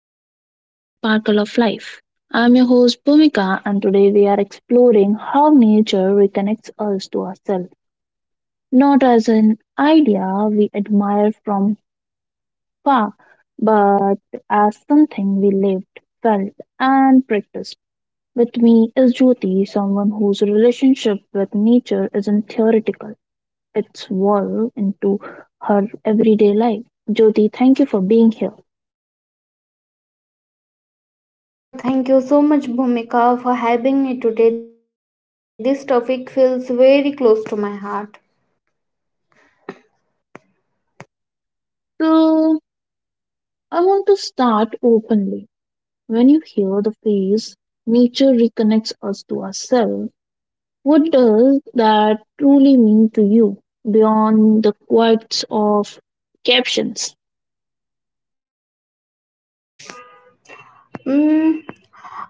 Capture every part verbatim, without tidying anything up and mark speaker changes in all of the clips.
Speaker 1: to our podcast Sparkle of Life. I'm your host Bhumika and today we are exploring how nature reconnects us to ourselves. Not as an idea we admire from far, but as something we lived, felt and practiced. With me is Jyoti, someone whose relationship with nature isn't theoretical. It's woven into her everyday life. Jyoti, thank you for being here.
Speaker 2: Uh, thank you so much, Bhumika, for having me today. This topic feels very close to my heart.
Speaker 1: So I want to start openly. When you hear the phrase, nature reconnects us to ourselves, what does that truly mean to you beyond the quotes of captions?
Speaker 2: Mm,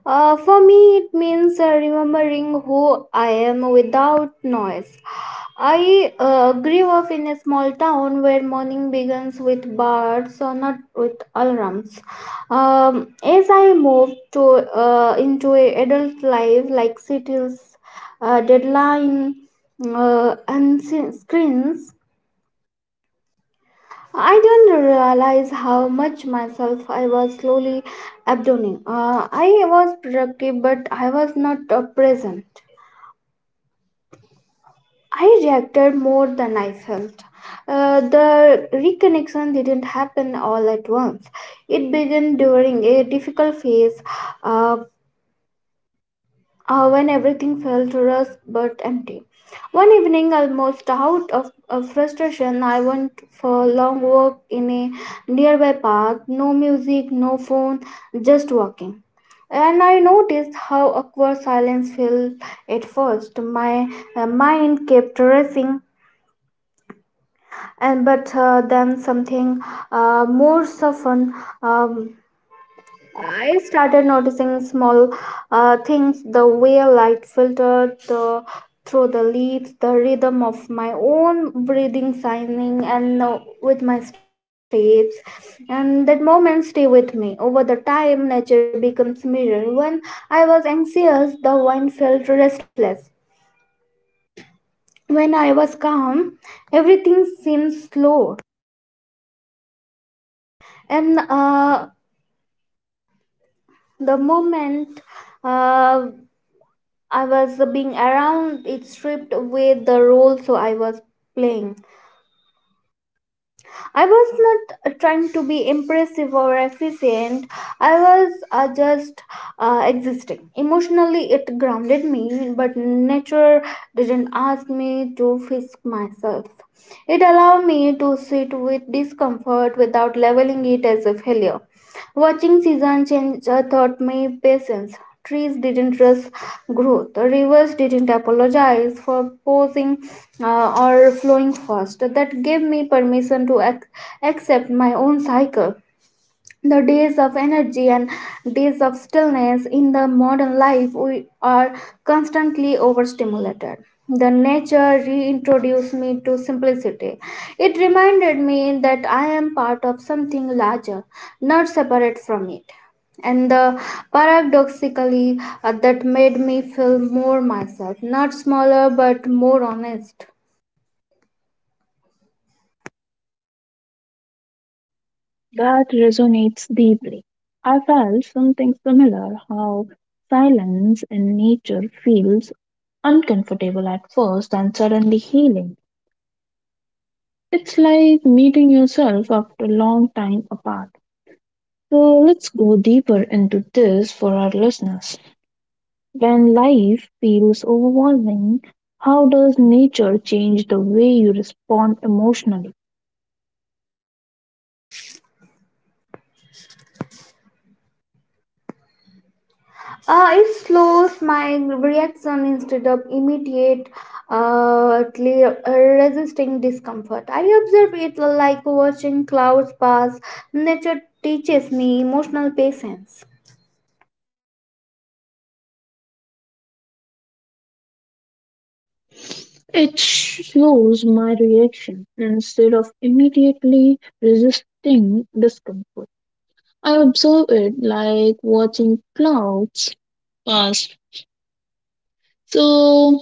Speaker 2: uh, for me, it means uh, remembering who I am without noise. I uh, grew up in a small town where morning begins with birds, or not with alarms. Um, as I moved to uh, into a adult life, like cities, uh, deadline, uh, and s- screens, I don't realize how much myself I was slowly abandoning. Uh, I was productive, but I was not uh, present. I reacted more than I felt. Uh, the reconnection didn't happen all at once. It began during a difficult phase, uh, uh, when everything felt rushed but empty. One evening, almost out of, of frustration, I went for a long walk in a nearby park. No music, no phone, just walking. And I noticed how awkward silence felt at first. My uh, mind kept racing, and but uh, then something uh, more softened. Um, I started noticing small uh, things the way light filtered the, through the leaves, the rhythm of my own breathing, signing, and uh, with my steps. And that moment stay with me. Over the time, nature becomes mirror. When I was anxious, the wind felt restless. When I was calm, everything seemed slow. And uh, the moment uh, I was being around, it stripped away the role so I was playing. I was not uh, trying to be impressive or efficient, I was uh, just uh, existing. Emotionally, it grounded me, but nature didn't ask me to fix myself. It allowed me to sit with discomfort without labeling it as a failure. Watching season change uh, taught me patience. Trees didn't rush growth. Rivers didn't apologize for pausing uh, or flowing fast. That gave me permission to ac- accept my own cycle, the days of energy and days of stillness. In the life we are constantly overstimulated, the nature reintroduced me to simplicity. It reminded me that I am part of something larger, not separate from it. And the paradoxically, uh, that made me feel more myself, not smaller but more honest.
Speaker 1: That resonates deeply. I felt something similar, how silence in nature feels uncomfortable at first and suddenly healing. It's like meeting yourself after a long time apart. So let's go deeper into this for our listeners. When life feels overwhelming, how does nature change the way you respond emotionally?
Speaker 2: Uh, it slows my reaction instead of immediate uh, tle- uh, resisting discomfort. I observe it like watching clouds pass. Nature teaches me emotional patience.
Speaker 1: It slows my reaction instead of immediately resisting discomfort. I observe it like watching clouds pass. So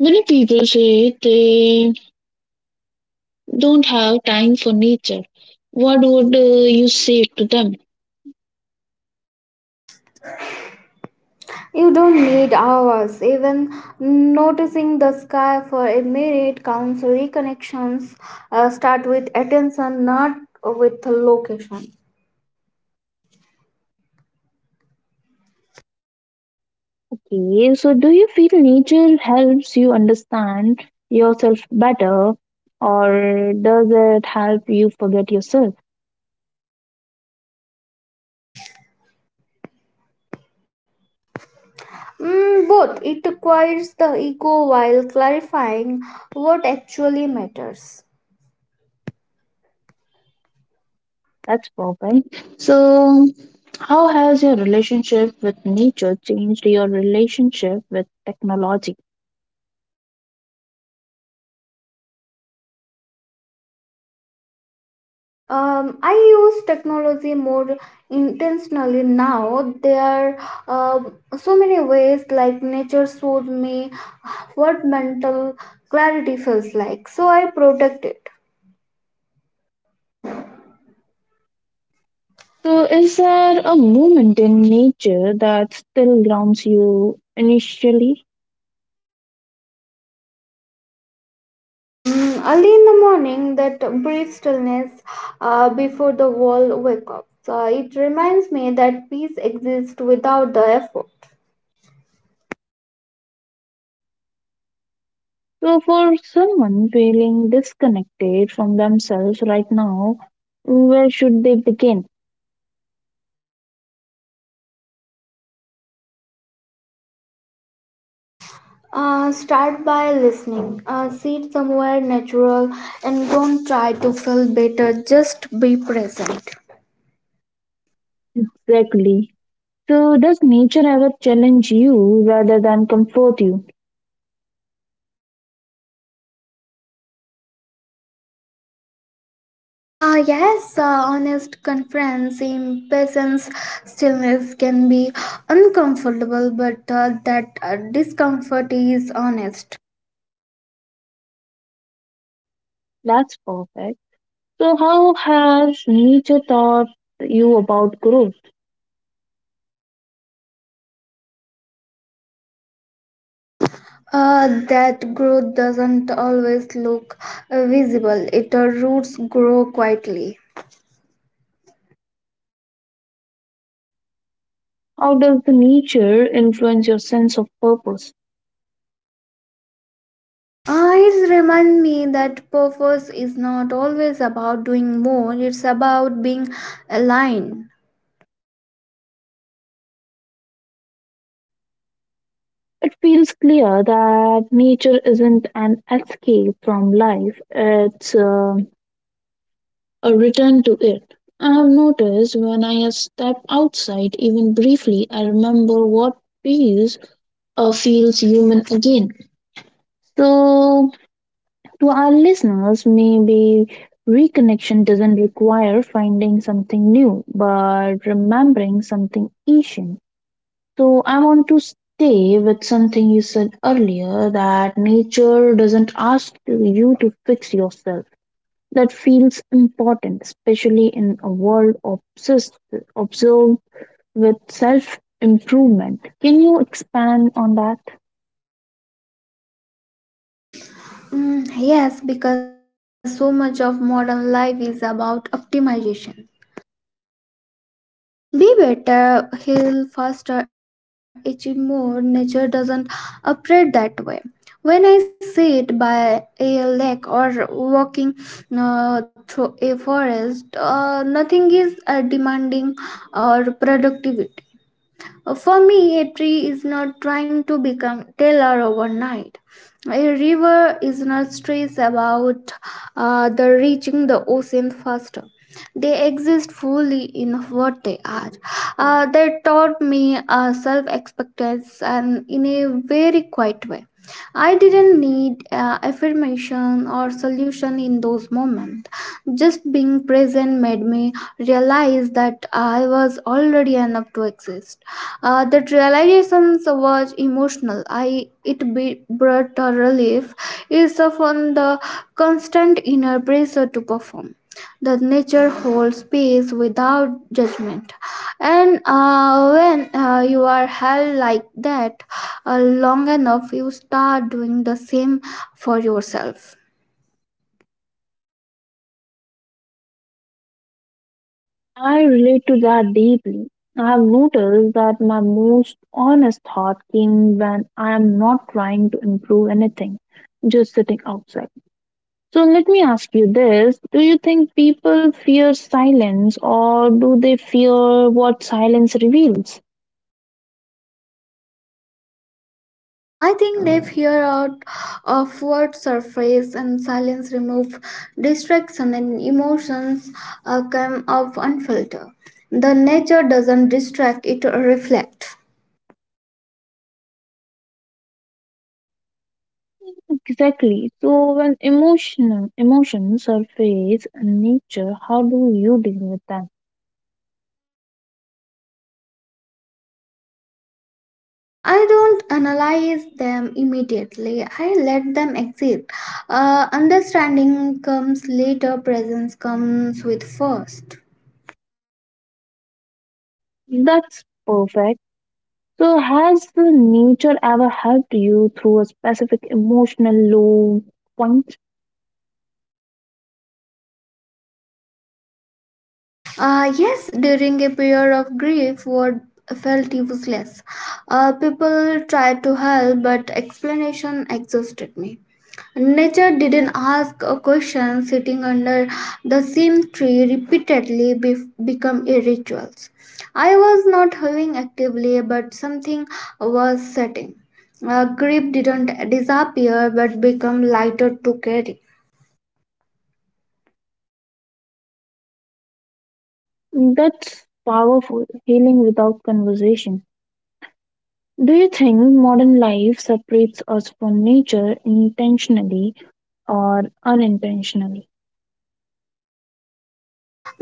Speaker 1: many people say they don't have time for nature. What would uh, you say to them?
Speaker 2: You don't need hours. Even noticing the sky for a minute counts. Reconnections uh, start with attention, not with location.
Speaker 1: Okay, so do you feel nature helps you understand yourself better, or does it help you forget yourself?
Speaker 2: Mm, both. It acquires the ego while clarifying what actually matters.
Speaker 1: That's perfect. So, how has your relationship with nature changed your relationship with technology?
Speaker 2: Um, I use technology more intentionally now. There are um so many ways, like nature showed me what mental clarity feels like, so I protect it.
Speaker 1: So, is there a moment in nature that still grounds you initially?
Speaker 2: Mm, early in the morning, that brief stillness uh, before the world wake up. So it reminds me that peace exists without the effort.
Speaker 1: So, for someone feeling disconnected from themselves right now, where should they begin?
Speaker 2: Uh, start by listening. Uh, sit somewhere natural and don't try to feel better. Just be present.
Speaker 1: Exactly. So, does nature ever challenge you rather than comfort you?
Speaker 2: Uh, yes, uh, honest conference in presence stillness can be uncomfortable, but uh, that uh, discomfort is honest.
Speaker 1: That's perfect. So, how has nature taught you about growth?
Speaker 2: Uh, that growth doesn't always look uh, visible. It uh, Roots grow quietly.
Speaker 1: How does the nature influence your sense of purpose?
Speaker 2: Ah, it reminds me that purpose is not always about doing more, it's about being aligned.
Speaker 1: It feels clear that nature isn't an escape from life, it's um a return to it. I have noticed when I step outside, even briefly, I remember what feels uh, feels human again. So, to our listeners, maybe reconnection doesn't require finding something new, but remembering something ancient. So I want to stay with something you said earlier, that nature doesn't ask you to fix yourself. That feels important, especially in a world obsessed, observed with self improvement. Can you expand on that?
Speaker 2: Mm, yes, because so much of modern life is about optimization. Be better, heal faster, achieve more. Nature doesn't operate that way. When I sit by a lake or walking uh, through a forest, uh, nothing is uh, demanding or productivity. Uh, For me, a tree is not trying to become taller overnight. A river is not stressed about uh, the reaching the ocean faster. They exist fully in what they are. Uh, they taught me uh, self-acceptance, and in a very quiet way. I didn't need uh, affirmation or solution in those moments. Just being present made me realize that I was already enough to exist. Uh, that realization was emotional. I it be, brought a relief is from the constant inner pressure to perform. The nature holds space without judgment, and uh, when uh, you are held like that uh, long enough, you start doing the same for yourself.
Speaker 1: I relate to that deeply. I've noticed that my most honest thought came when I am not trying to improve anything, just sitting outside. So let me ask you this. Do you think people fear silence or do they fear what silence reveals?
Speaker 2: I think they fear out of word surface, and silence remove distraction and emotions uh, come off unfiltered. The nature doesn't distract, it reflect.
Speaker 1: Exactly. So when emotional emotions surface in nature, how do you deal with them?
Speaker 2: I don't analyze them immediately. I let them exist. Uh, understanding comes later, presence comes with first.
Speaker 1: That's perfect. So, has the nature ever helped you through a specific emotional low point?
Speaker 2: Uh, yes, during a period of grief, word felt useless. Uh, people tried to help, but explanation exhausted me. Nature didn't ask a question. Sitting under the same tree repeatedly be- become a ritual. I was not helping actively, but something was setting. Uh, grief didn't disappear, but become lighter to carry.
Speaker 1: That's powerful, healing without conversation. Do you think modern life separates us from nature intentionally or unintentionally?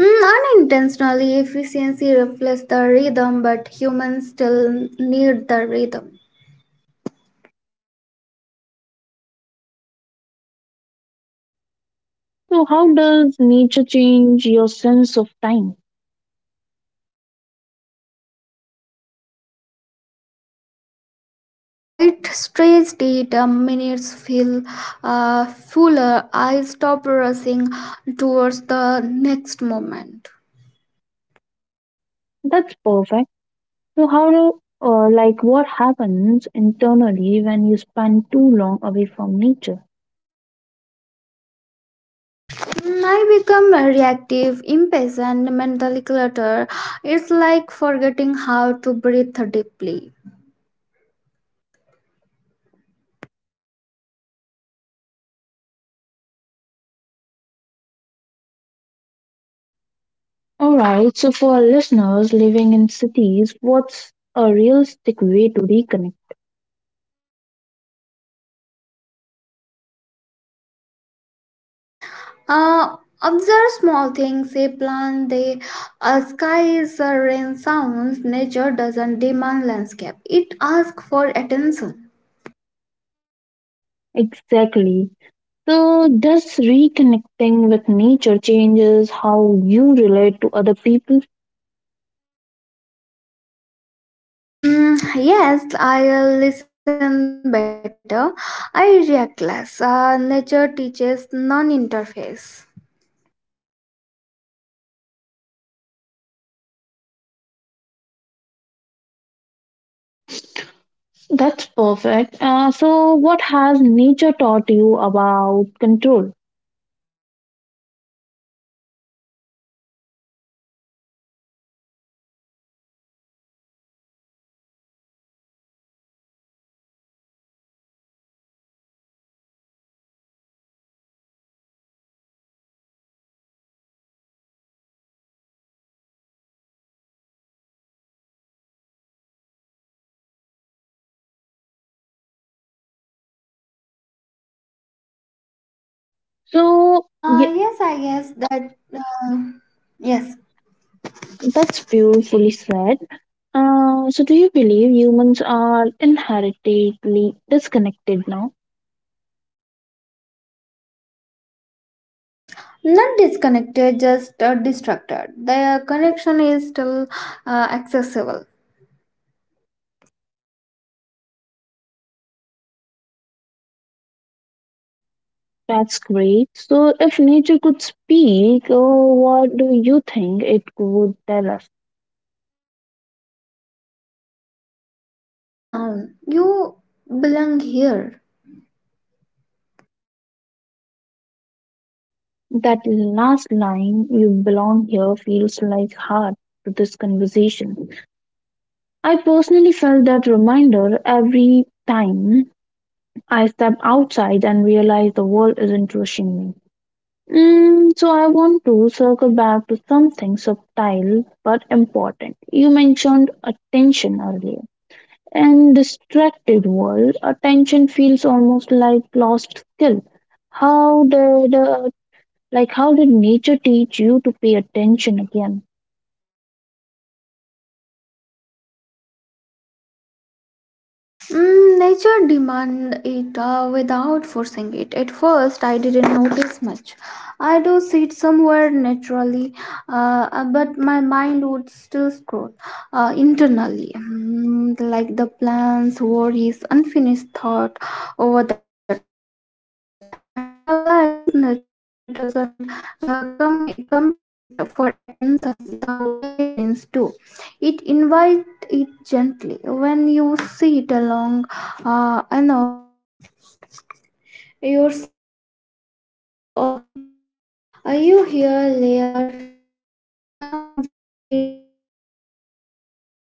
Speaker 2: Mm, unintentionally, efficiency reflects the rhythm, but humans still need the rhythm.
Speaker 1: So, how does nature change your sense of time?
Speaker 2: Uh, it stretched it, uh, minutes feel uh, fuller. I stop rushing towards the next moment.
Speaker 1: That's perfect. So, how do uh, like what happens internally when you spend too long away from nature?
Speaker 2: Mm, I become reactive, impatient, mentally cluttered. It's like forgetting how to breathe deeply.
Speaker 1: All right, so for our listeners living in cities, what's a realistic way to reconnect?
Speaker 2: Uh, observe small things, a plant, the uh, skies, uh, rain sounds. Nature doesn't demand landscape, it asks for attention.
Speaker 1: Exactly. So, does reconnecting with nature changes how you relate to other people?
Speaker 2: Mm, yes, I listen better. I react less. Uh, nature teaches non interface.
Speaker 1: That's perfect. Uh, so, what has nature taught you about control? So,
Speaker 2: Uh,
Speaker 1: ye-
Speaker 2: yes, I guess that. Uh, yes.
Speaker 1: that's beautifully said. Uh, so, do you believe humans are inherently disconnected now?
Speaker 2: Not disconnected, just uh, distracted. The connection is still uh, accessible.
Speaker 1: That's great. So, if nature could speak, oh, what do you think it would tell us?
Speaker 2: Uh, slow down. You belong here.
Speaker 1: That last line, you belong here, feels like heart to this conversation. I personally felt that reminder every time I step outside and realize the world isn't rushing me. Mm, so, I want to circle back to something subtle but important. You mentioned attention earlier. In distracted world, attention feels almost like lost skill. How did uh, like how did nature teach you to pay attention again?
Speaker 2: Mm, nature demand it uh, without forcing it. At first, I didn't notice much. I do sit somewhere naturally, uh, uh, but my mind would still scroll uh, internally, mm, like the plants were his unfinished thought over the time. I realized nature doesn't uh, com- compete for attention the way screens do. It invites it gently. When you sit along uh, enough, your sense uh, of wake up, uh, you hear layers of sounds instead of for the noise.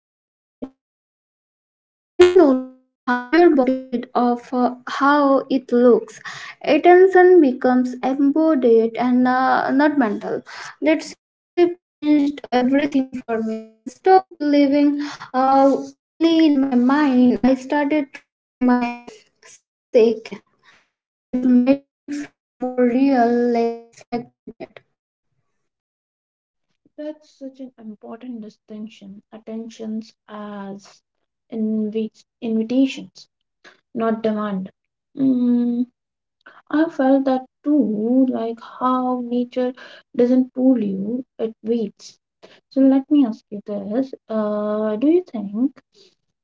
Speaker 2: Mm, you notice how your body feels instead of uh, how it looks. Attention becomes embodied, and uh, not mental. That shift changed everything for me. I stopped living uh, only in my mind. I started trusting my sense again, uh, that made me feel more real, less fragmented.
Speaker 1: That's such an important distinction. Attentions as invi- invitations, not demand. Mm, I felt that too, like how nature doesn't pull you, it waits. So let me ask you this. Uh, do you think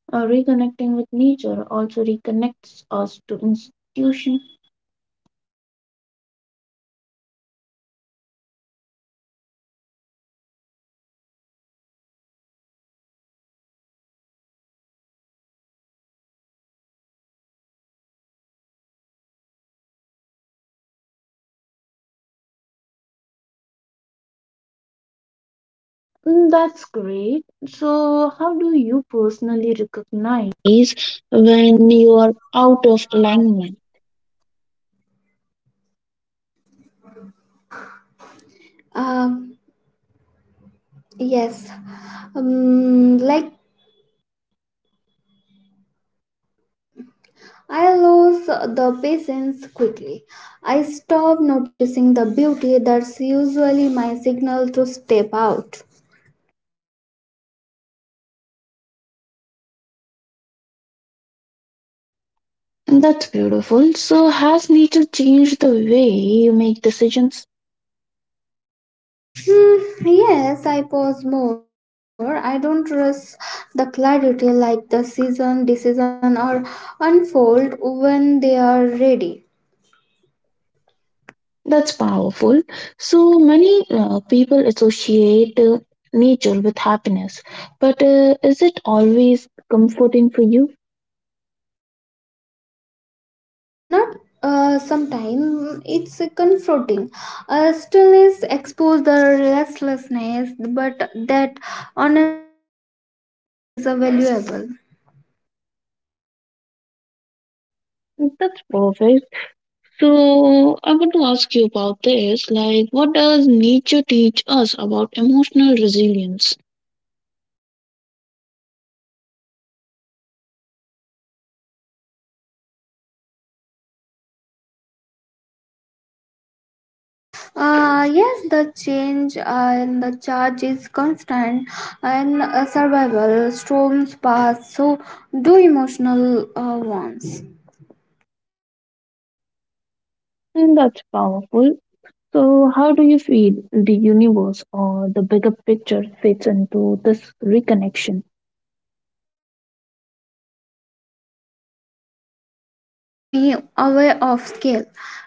Speaker 1: Uh, reconnecting with nature also reconnects us to institution. Mm, that's great. So, how do you personally recognize when you are out of alignment?
Speaker 2: Um, yes, um, like I lose the patience quickly. I stop noticing the beauty. That's usually my signal to step out.
Speaker 1: That's beautiful. So, has nature changed the way you make decisions?
Speaker 2: Hmm, yes, I pause more. I don't trust the clarity, like the season, decision, or unfold when they are ready.
Speaker 1: That's powerful. So, many uh, people associate uh, nature with happiness, but uh, is it always comforting for you?
Speaker 2: Not uh, sometime it's confronting. Uh, stillness expose the restlessness, but that honesty is valuable.
Speaker 1: That's perfect. So I want to ask you about this. Like, what does nature teach us about emotional resilience?
Speaker 2: Uh, yes, the change and the charge is constant, and uh, survival storms pass, so do emotional uh, ones.
Speaker 1: And that's powerful. So, how do you feel the universe or the bigger picture fits into this reconnection?
Speaker 2: Uh, nature made me aware of scale.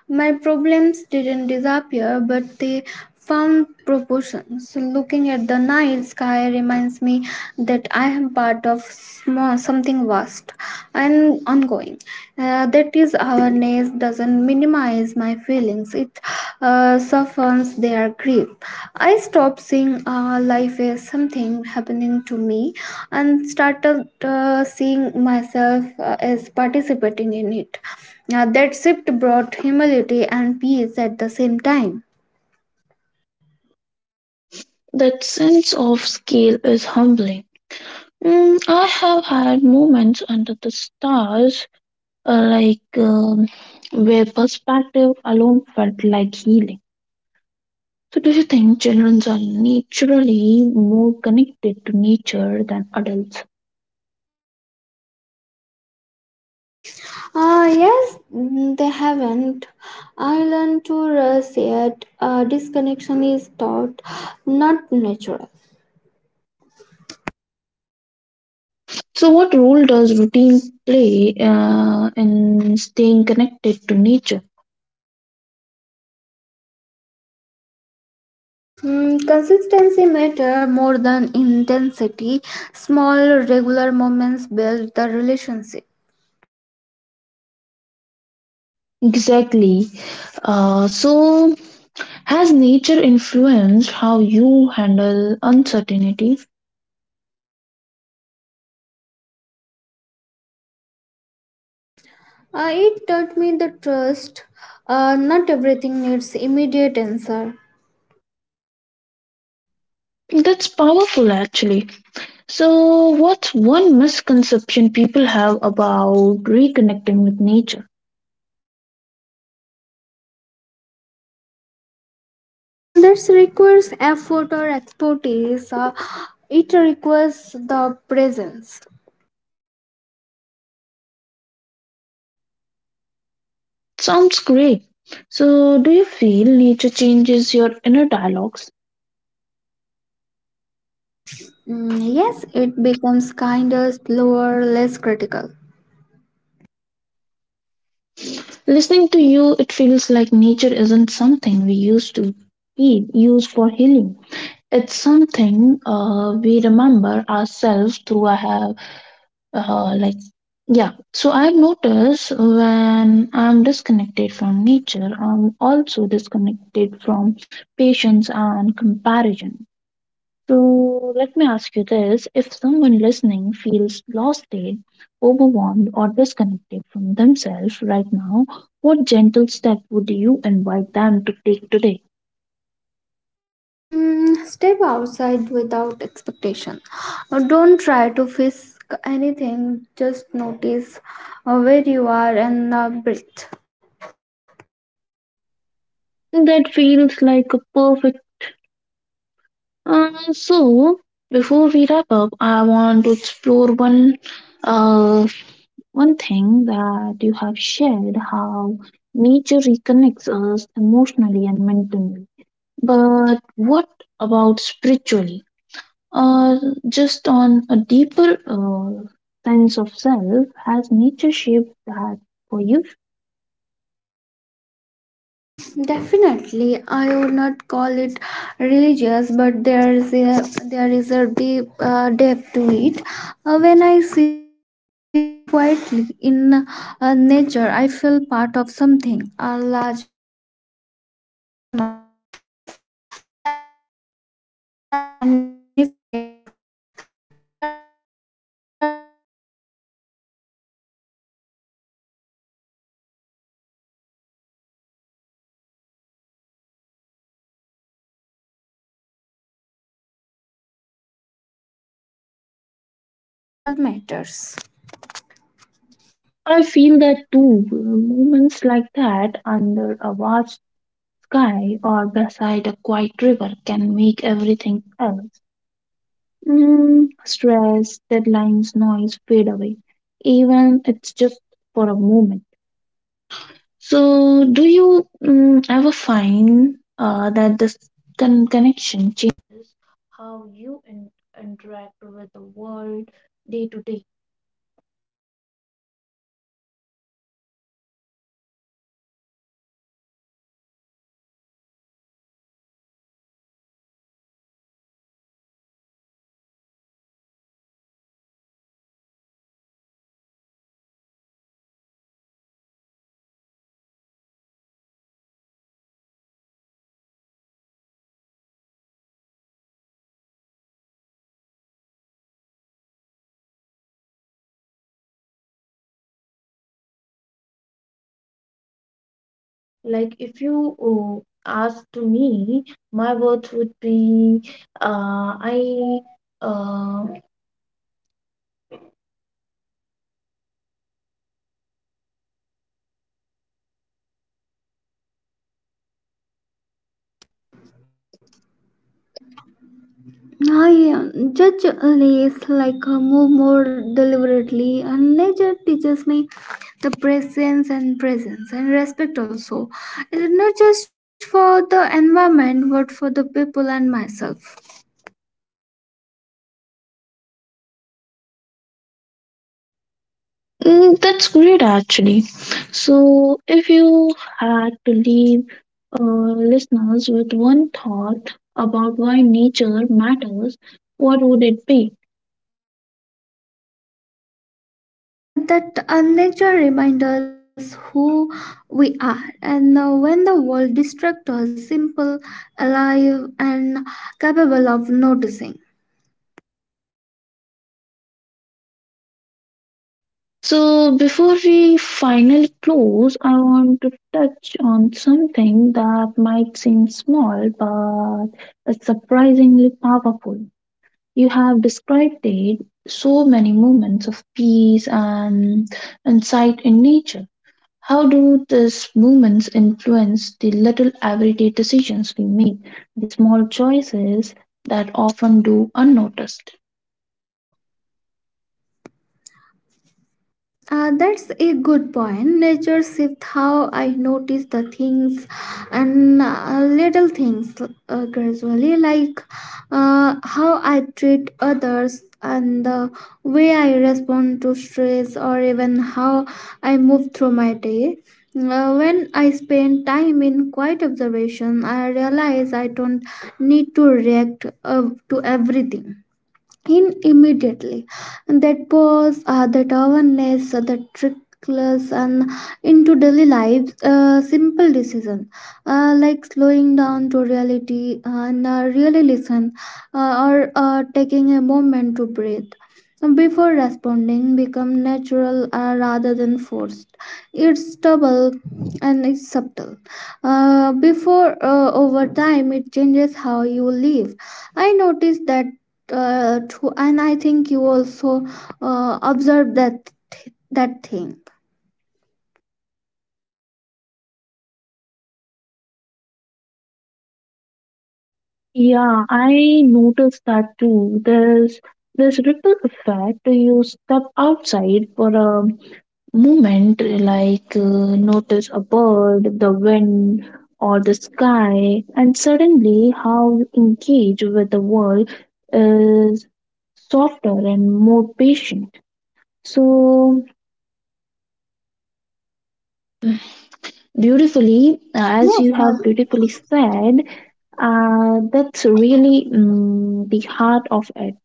Speaker 2: My problems didn't disappear, but they found proportions. Looking at the night sky reminds me that part of small, something vast and ongoing. Uh, that is awareness doesn't minimize my feelings. It uh, softens their grip. I stopped seeing uh, life as something happening to me, and started uh, seeing myself uh, as participating in it. Uh, that shift brought humility and peace at the same time.
Speaker 1: That sense of scale is humbling. Mm, I have had moments under the stars, uh, like um where perspective alone felt like healing. So, do you think children are naturally more connected to nature than adults?
Speaker 2: Ah, yes, mm, they haven't. I learned to rest yet. Uh, disconnection is taught, not natural.
Speaker 1: So, what role does routine play uh, in staying connected to nature?
Speaker 2: Mm, consistency matter more than intensity. Small, regular moments build the relationship.
Speaker 1: Exactly. Uh, so, has nature influenced how you handle uncertainty?
Speaker 2: Uh, it taught me the trust. Uh, not everything needs immediate answer.
Speaker 1: That's powerful, actually. So, what's one misconception people have about reconnecting with nature?
Speaker 2: And that requires effort or expertise. Uh, it requires the presence.
Speaker 1: Sounds great. So, do you feel nature changes your inner dialogues?
Speaker 2: Mm, yes, it becomes kinder, slower, less critical.
Speaker 1: Listening to you, it feels like nature isn't something we used to be used for healing. It's something uh, we remember ourselves through. I have uh, like Yeah. So I've noticed when I'm disconnected from nature, I'm also disconnected from patience and comparison. So let me ask you this, if someone listening feels lost-state, overwhelmed, or disconnected from themselves right now, what gentle step would you invite them to take today?
Speaker 2: Mm, step outside without expectation. Uh, Don't try to fix anything, just notice uh, where you are and uh, breathe.
Speaker 1: That feels like a perfect. Uh, so, before we wrap up, I want to explore one, uh, one thing that you have shared, how nature reconnects us emotionally and mentally. But what about spiritually? Or just on a deeper uh, sense of self, has nature shaped that for you?
Speaker 2: Definitely, I would not call it religious, but there is a there is a deep uh, depth to it. Uh, when I sit quietly in uh, nature, I feel part of something uh, larger uh, than myself. Like I am both small and significant at once. There's a sense of belonging that doesn't need all the words. Uh, that's uh, spiritual for me. Uh, recognize life is bigger than my individual story, uh, yet my story still matters.
Speaker 1: I feel that too. Moments like that under a vast sky or beside a quiet river can make everything else, mm, stress, deadlines, noise, fade away, even it's just for a moment. So, do you, mm, ever find uh, that this con- connection changes how you in- interact with the world day to day? Like, if you uh, asked to me, my words would be, uh, I. Uh,
Speaker 2: I uh, judge less, like uh, move more deliberately, and nature teaches me the presence and presence and respect also. It is not just for the environment, but for the people and myself.
Speaker 1: mm, that's great actually. So, if you had to leave uh, listeners with one thought about why nature matters, what would it be?
Speaker 2: Uh, that uh, nature reminds us who we are, and uh, when the world distracts us, simple, alive, and capable of noticing.
Speaker 1: So, before we finally close, I want to touch on something that might seem small but is surprisingly powerful. You have described it so many moments of peace and insight in nature. How do these moments influence the little everyday decisions we make, the small choices that often do unnoticed?
Speaker 2: Uh, that's a good point. Nature shifts how I notice the things, and uh, little things uh, gradually, like uh, how I treat others and the way I respond to stress, or even how I move through my day. Uh, when I spend time in quiet observation, I realize I don't need to react uh, to everything in immediately. And that pause, uh, that awareness, uh, that trickless and into daily lives, uh, simple decision, uh, like slowing down to reality and uh, listen, uh, or uh, taking a moment to breathe before responding, become natural uh, rather than forced. It's double and it's subtle, uh, before uh, over time it changes how you live. I noticed that, uh, true, and I think you also uh, observed that that thing.
Speaker 1: Yeah, I noticed that too. There's this ripple effect. You step outside for a moment, like uh, notice a bird, the wind, or the sky, and suddenly how you engage with the world is softer and more patient. So beautifully, as you
Speaker 2: Yes,
Speaker 1: have
Speaker 2: uh,
Speaker 1: beautifully said, uh, that's really, mm, the heart of it,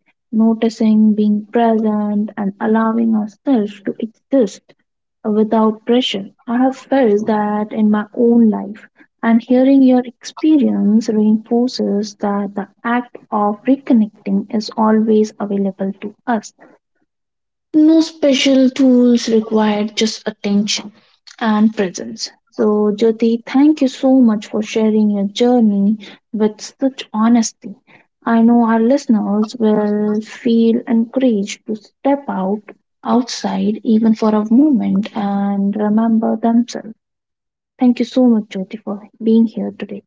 Speaker 1: noticing, being present, and allowing ourselves to exist without pressure. I have felt that in my own life, and hearing your experience reinforces that the act of reconnecting is always available to us. No special tools required, just attention and presence. So, Jyoti, thank you so much for sharing your journey with such honesty. I know our listeners will feel encouraged to step out outside even for a moment and remember themselves. Thank you so much, Jyoti, for being here today.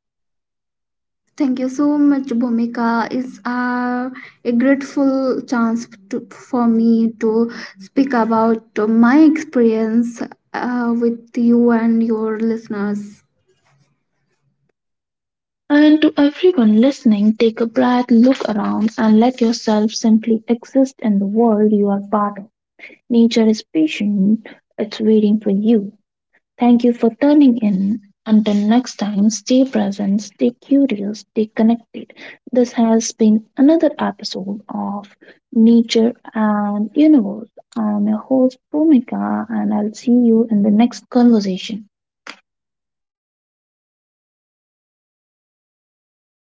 Speaker 2: thank you so much, Bhumika. It's uh, a grateful chance to, for me to speak about my experience uh, with you and your listeners.
Speaker 1: And to everyone listening, take a breath, look around, and let yourself simply exist in the world you are part of. Nature is patient, it's waiting for you. Thank you for tuning in. Until next time, stay present, stay curious, stay connected. This has been another episode of Nature and Universe. I'm your host, Bhumika, and I'll see you in the next conversation.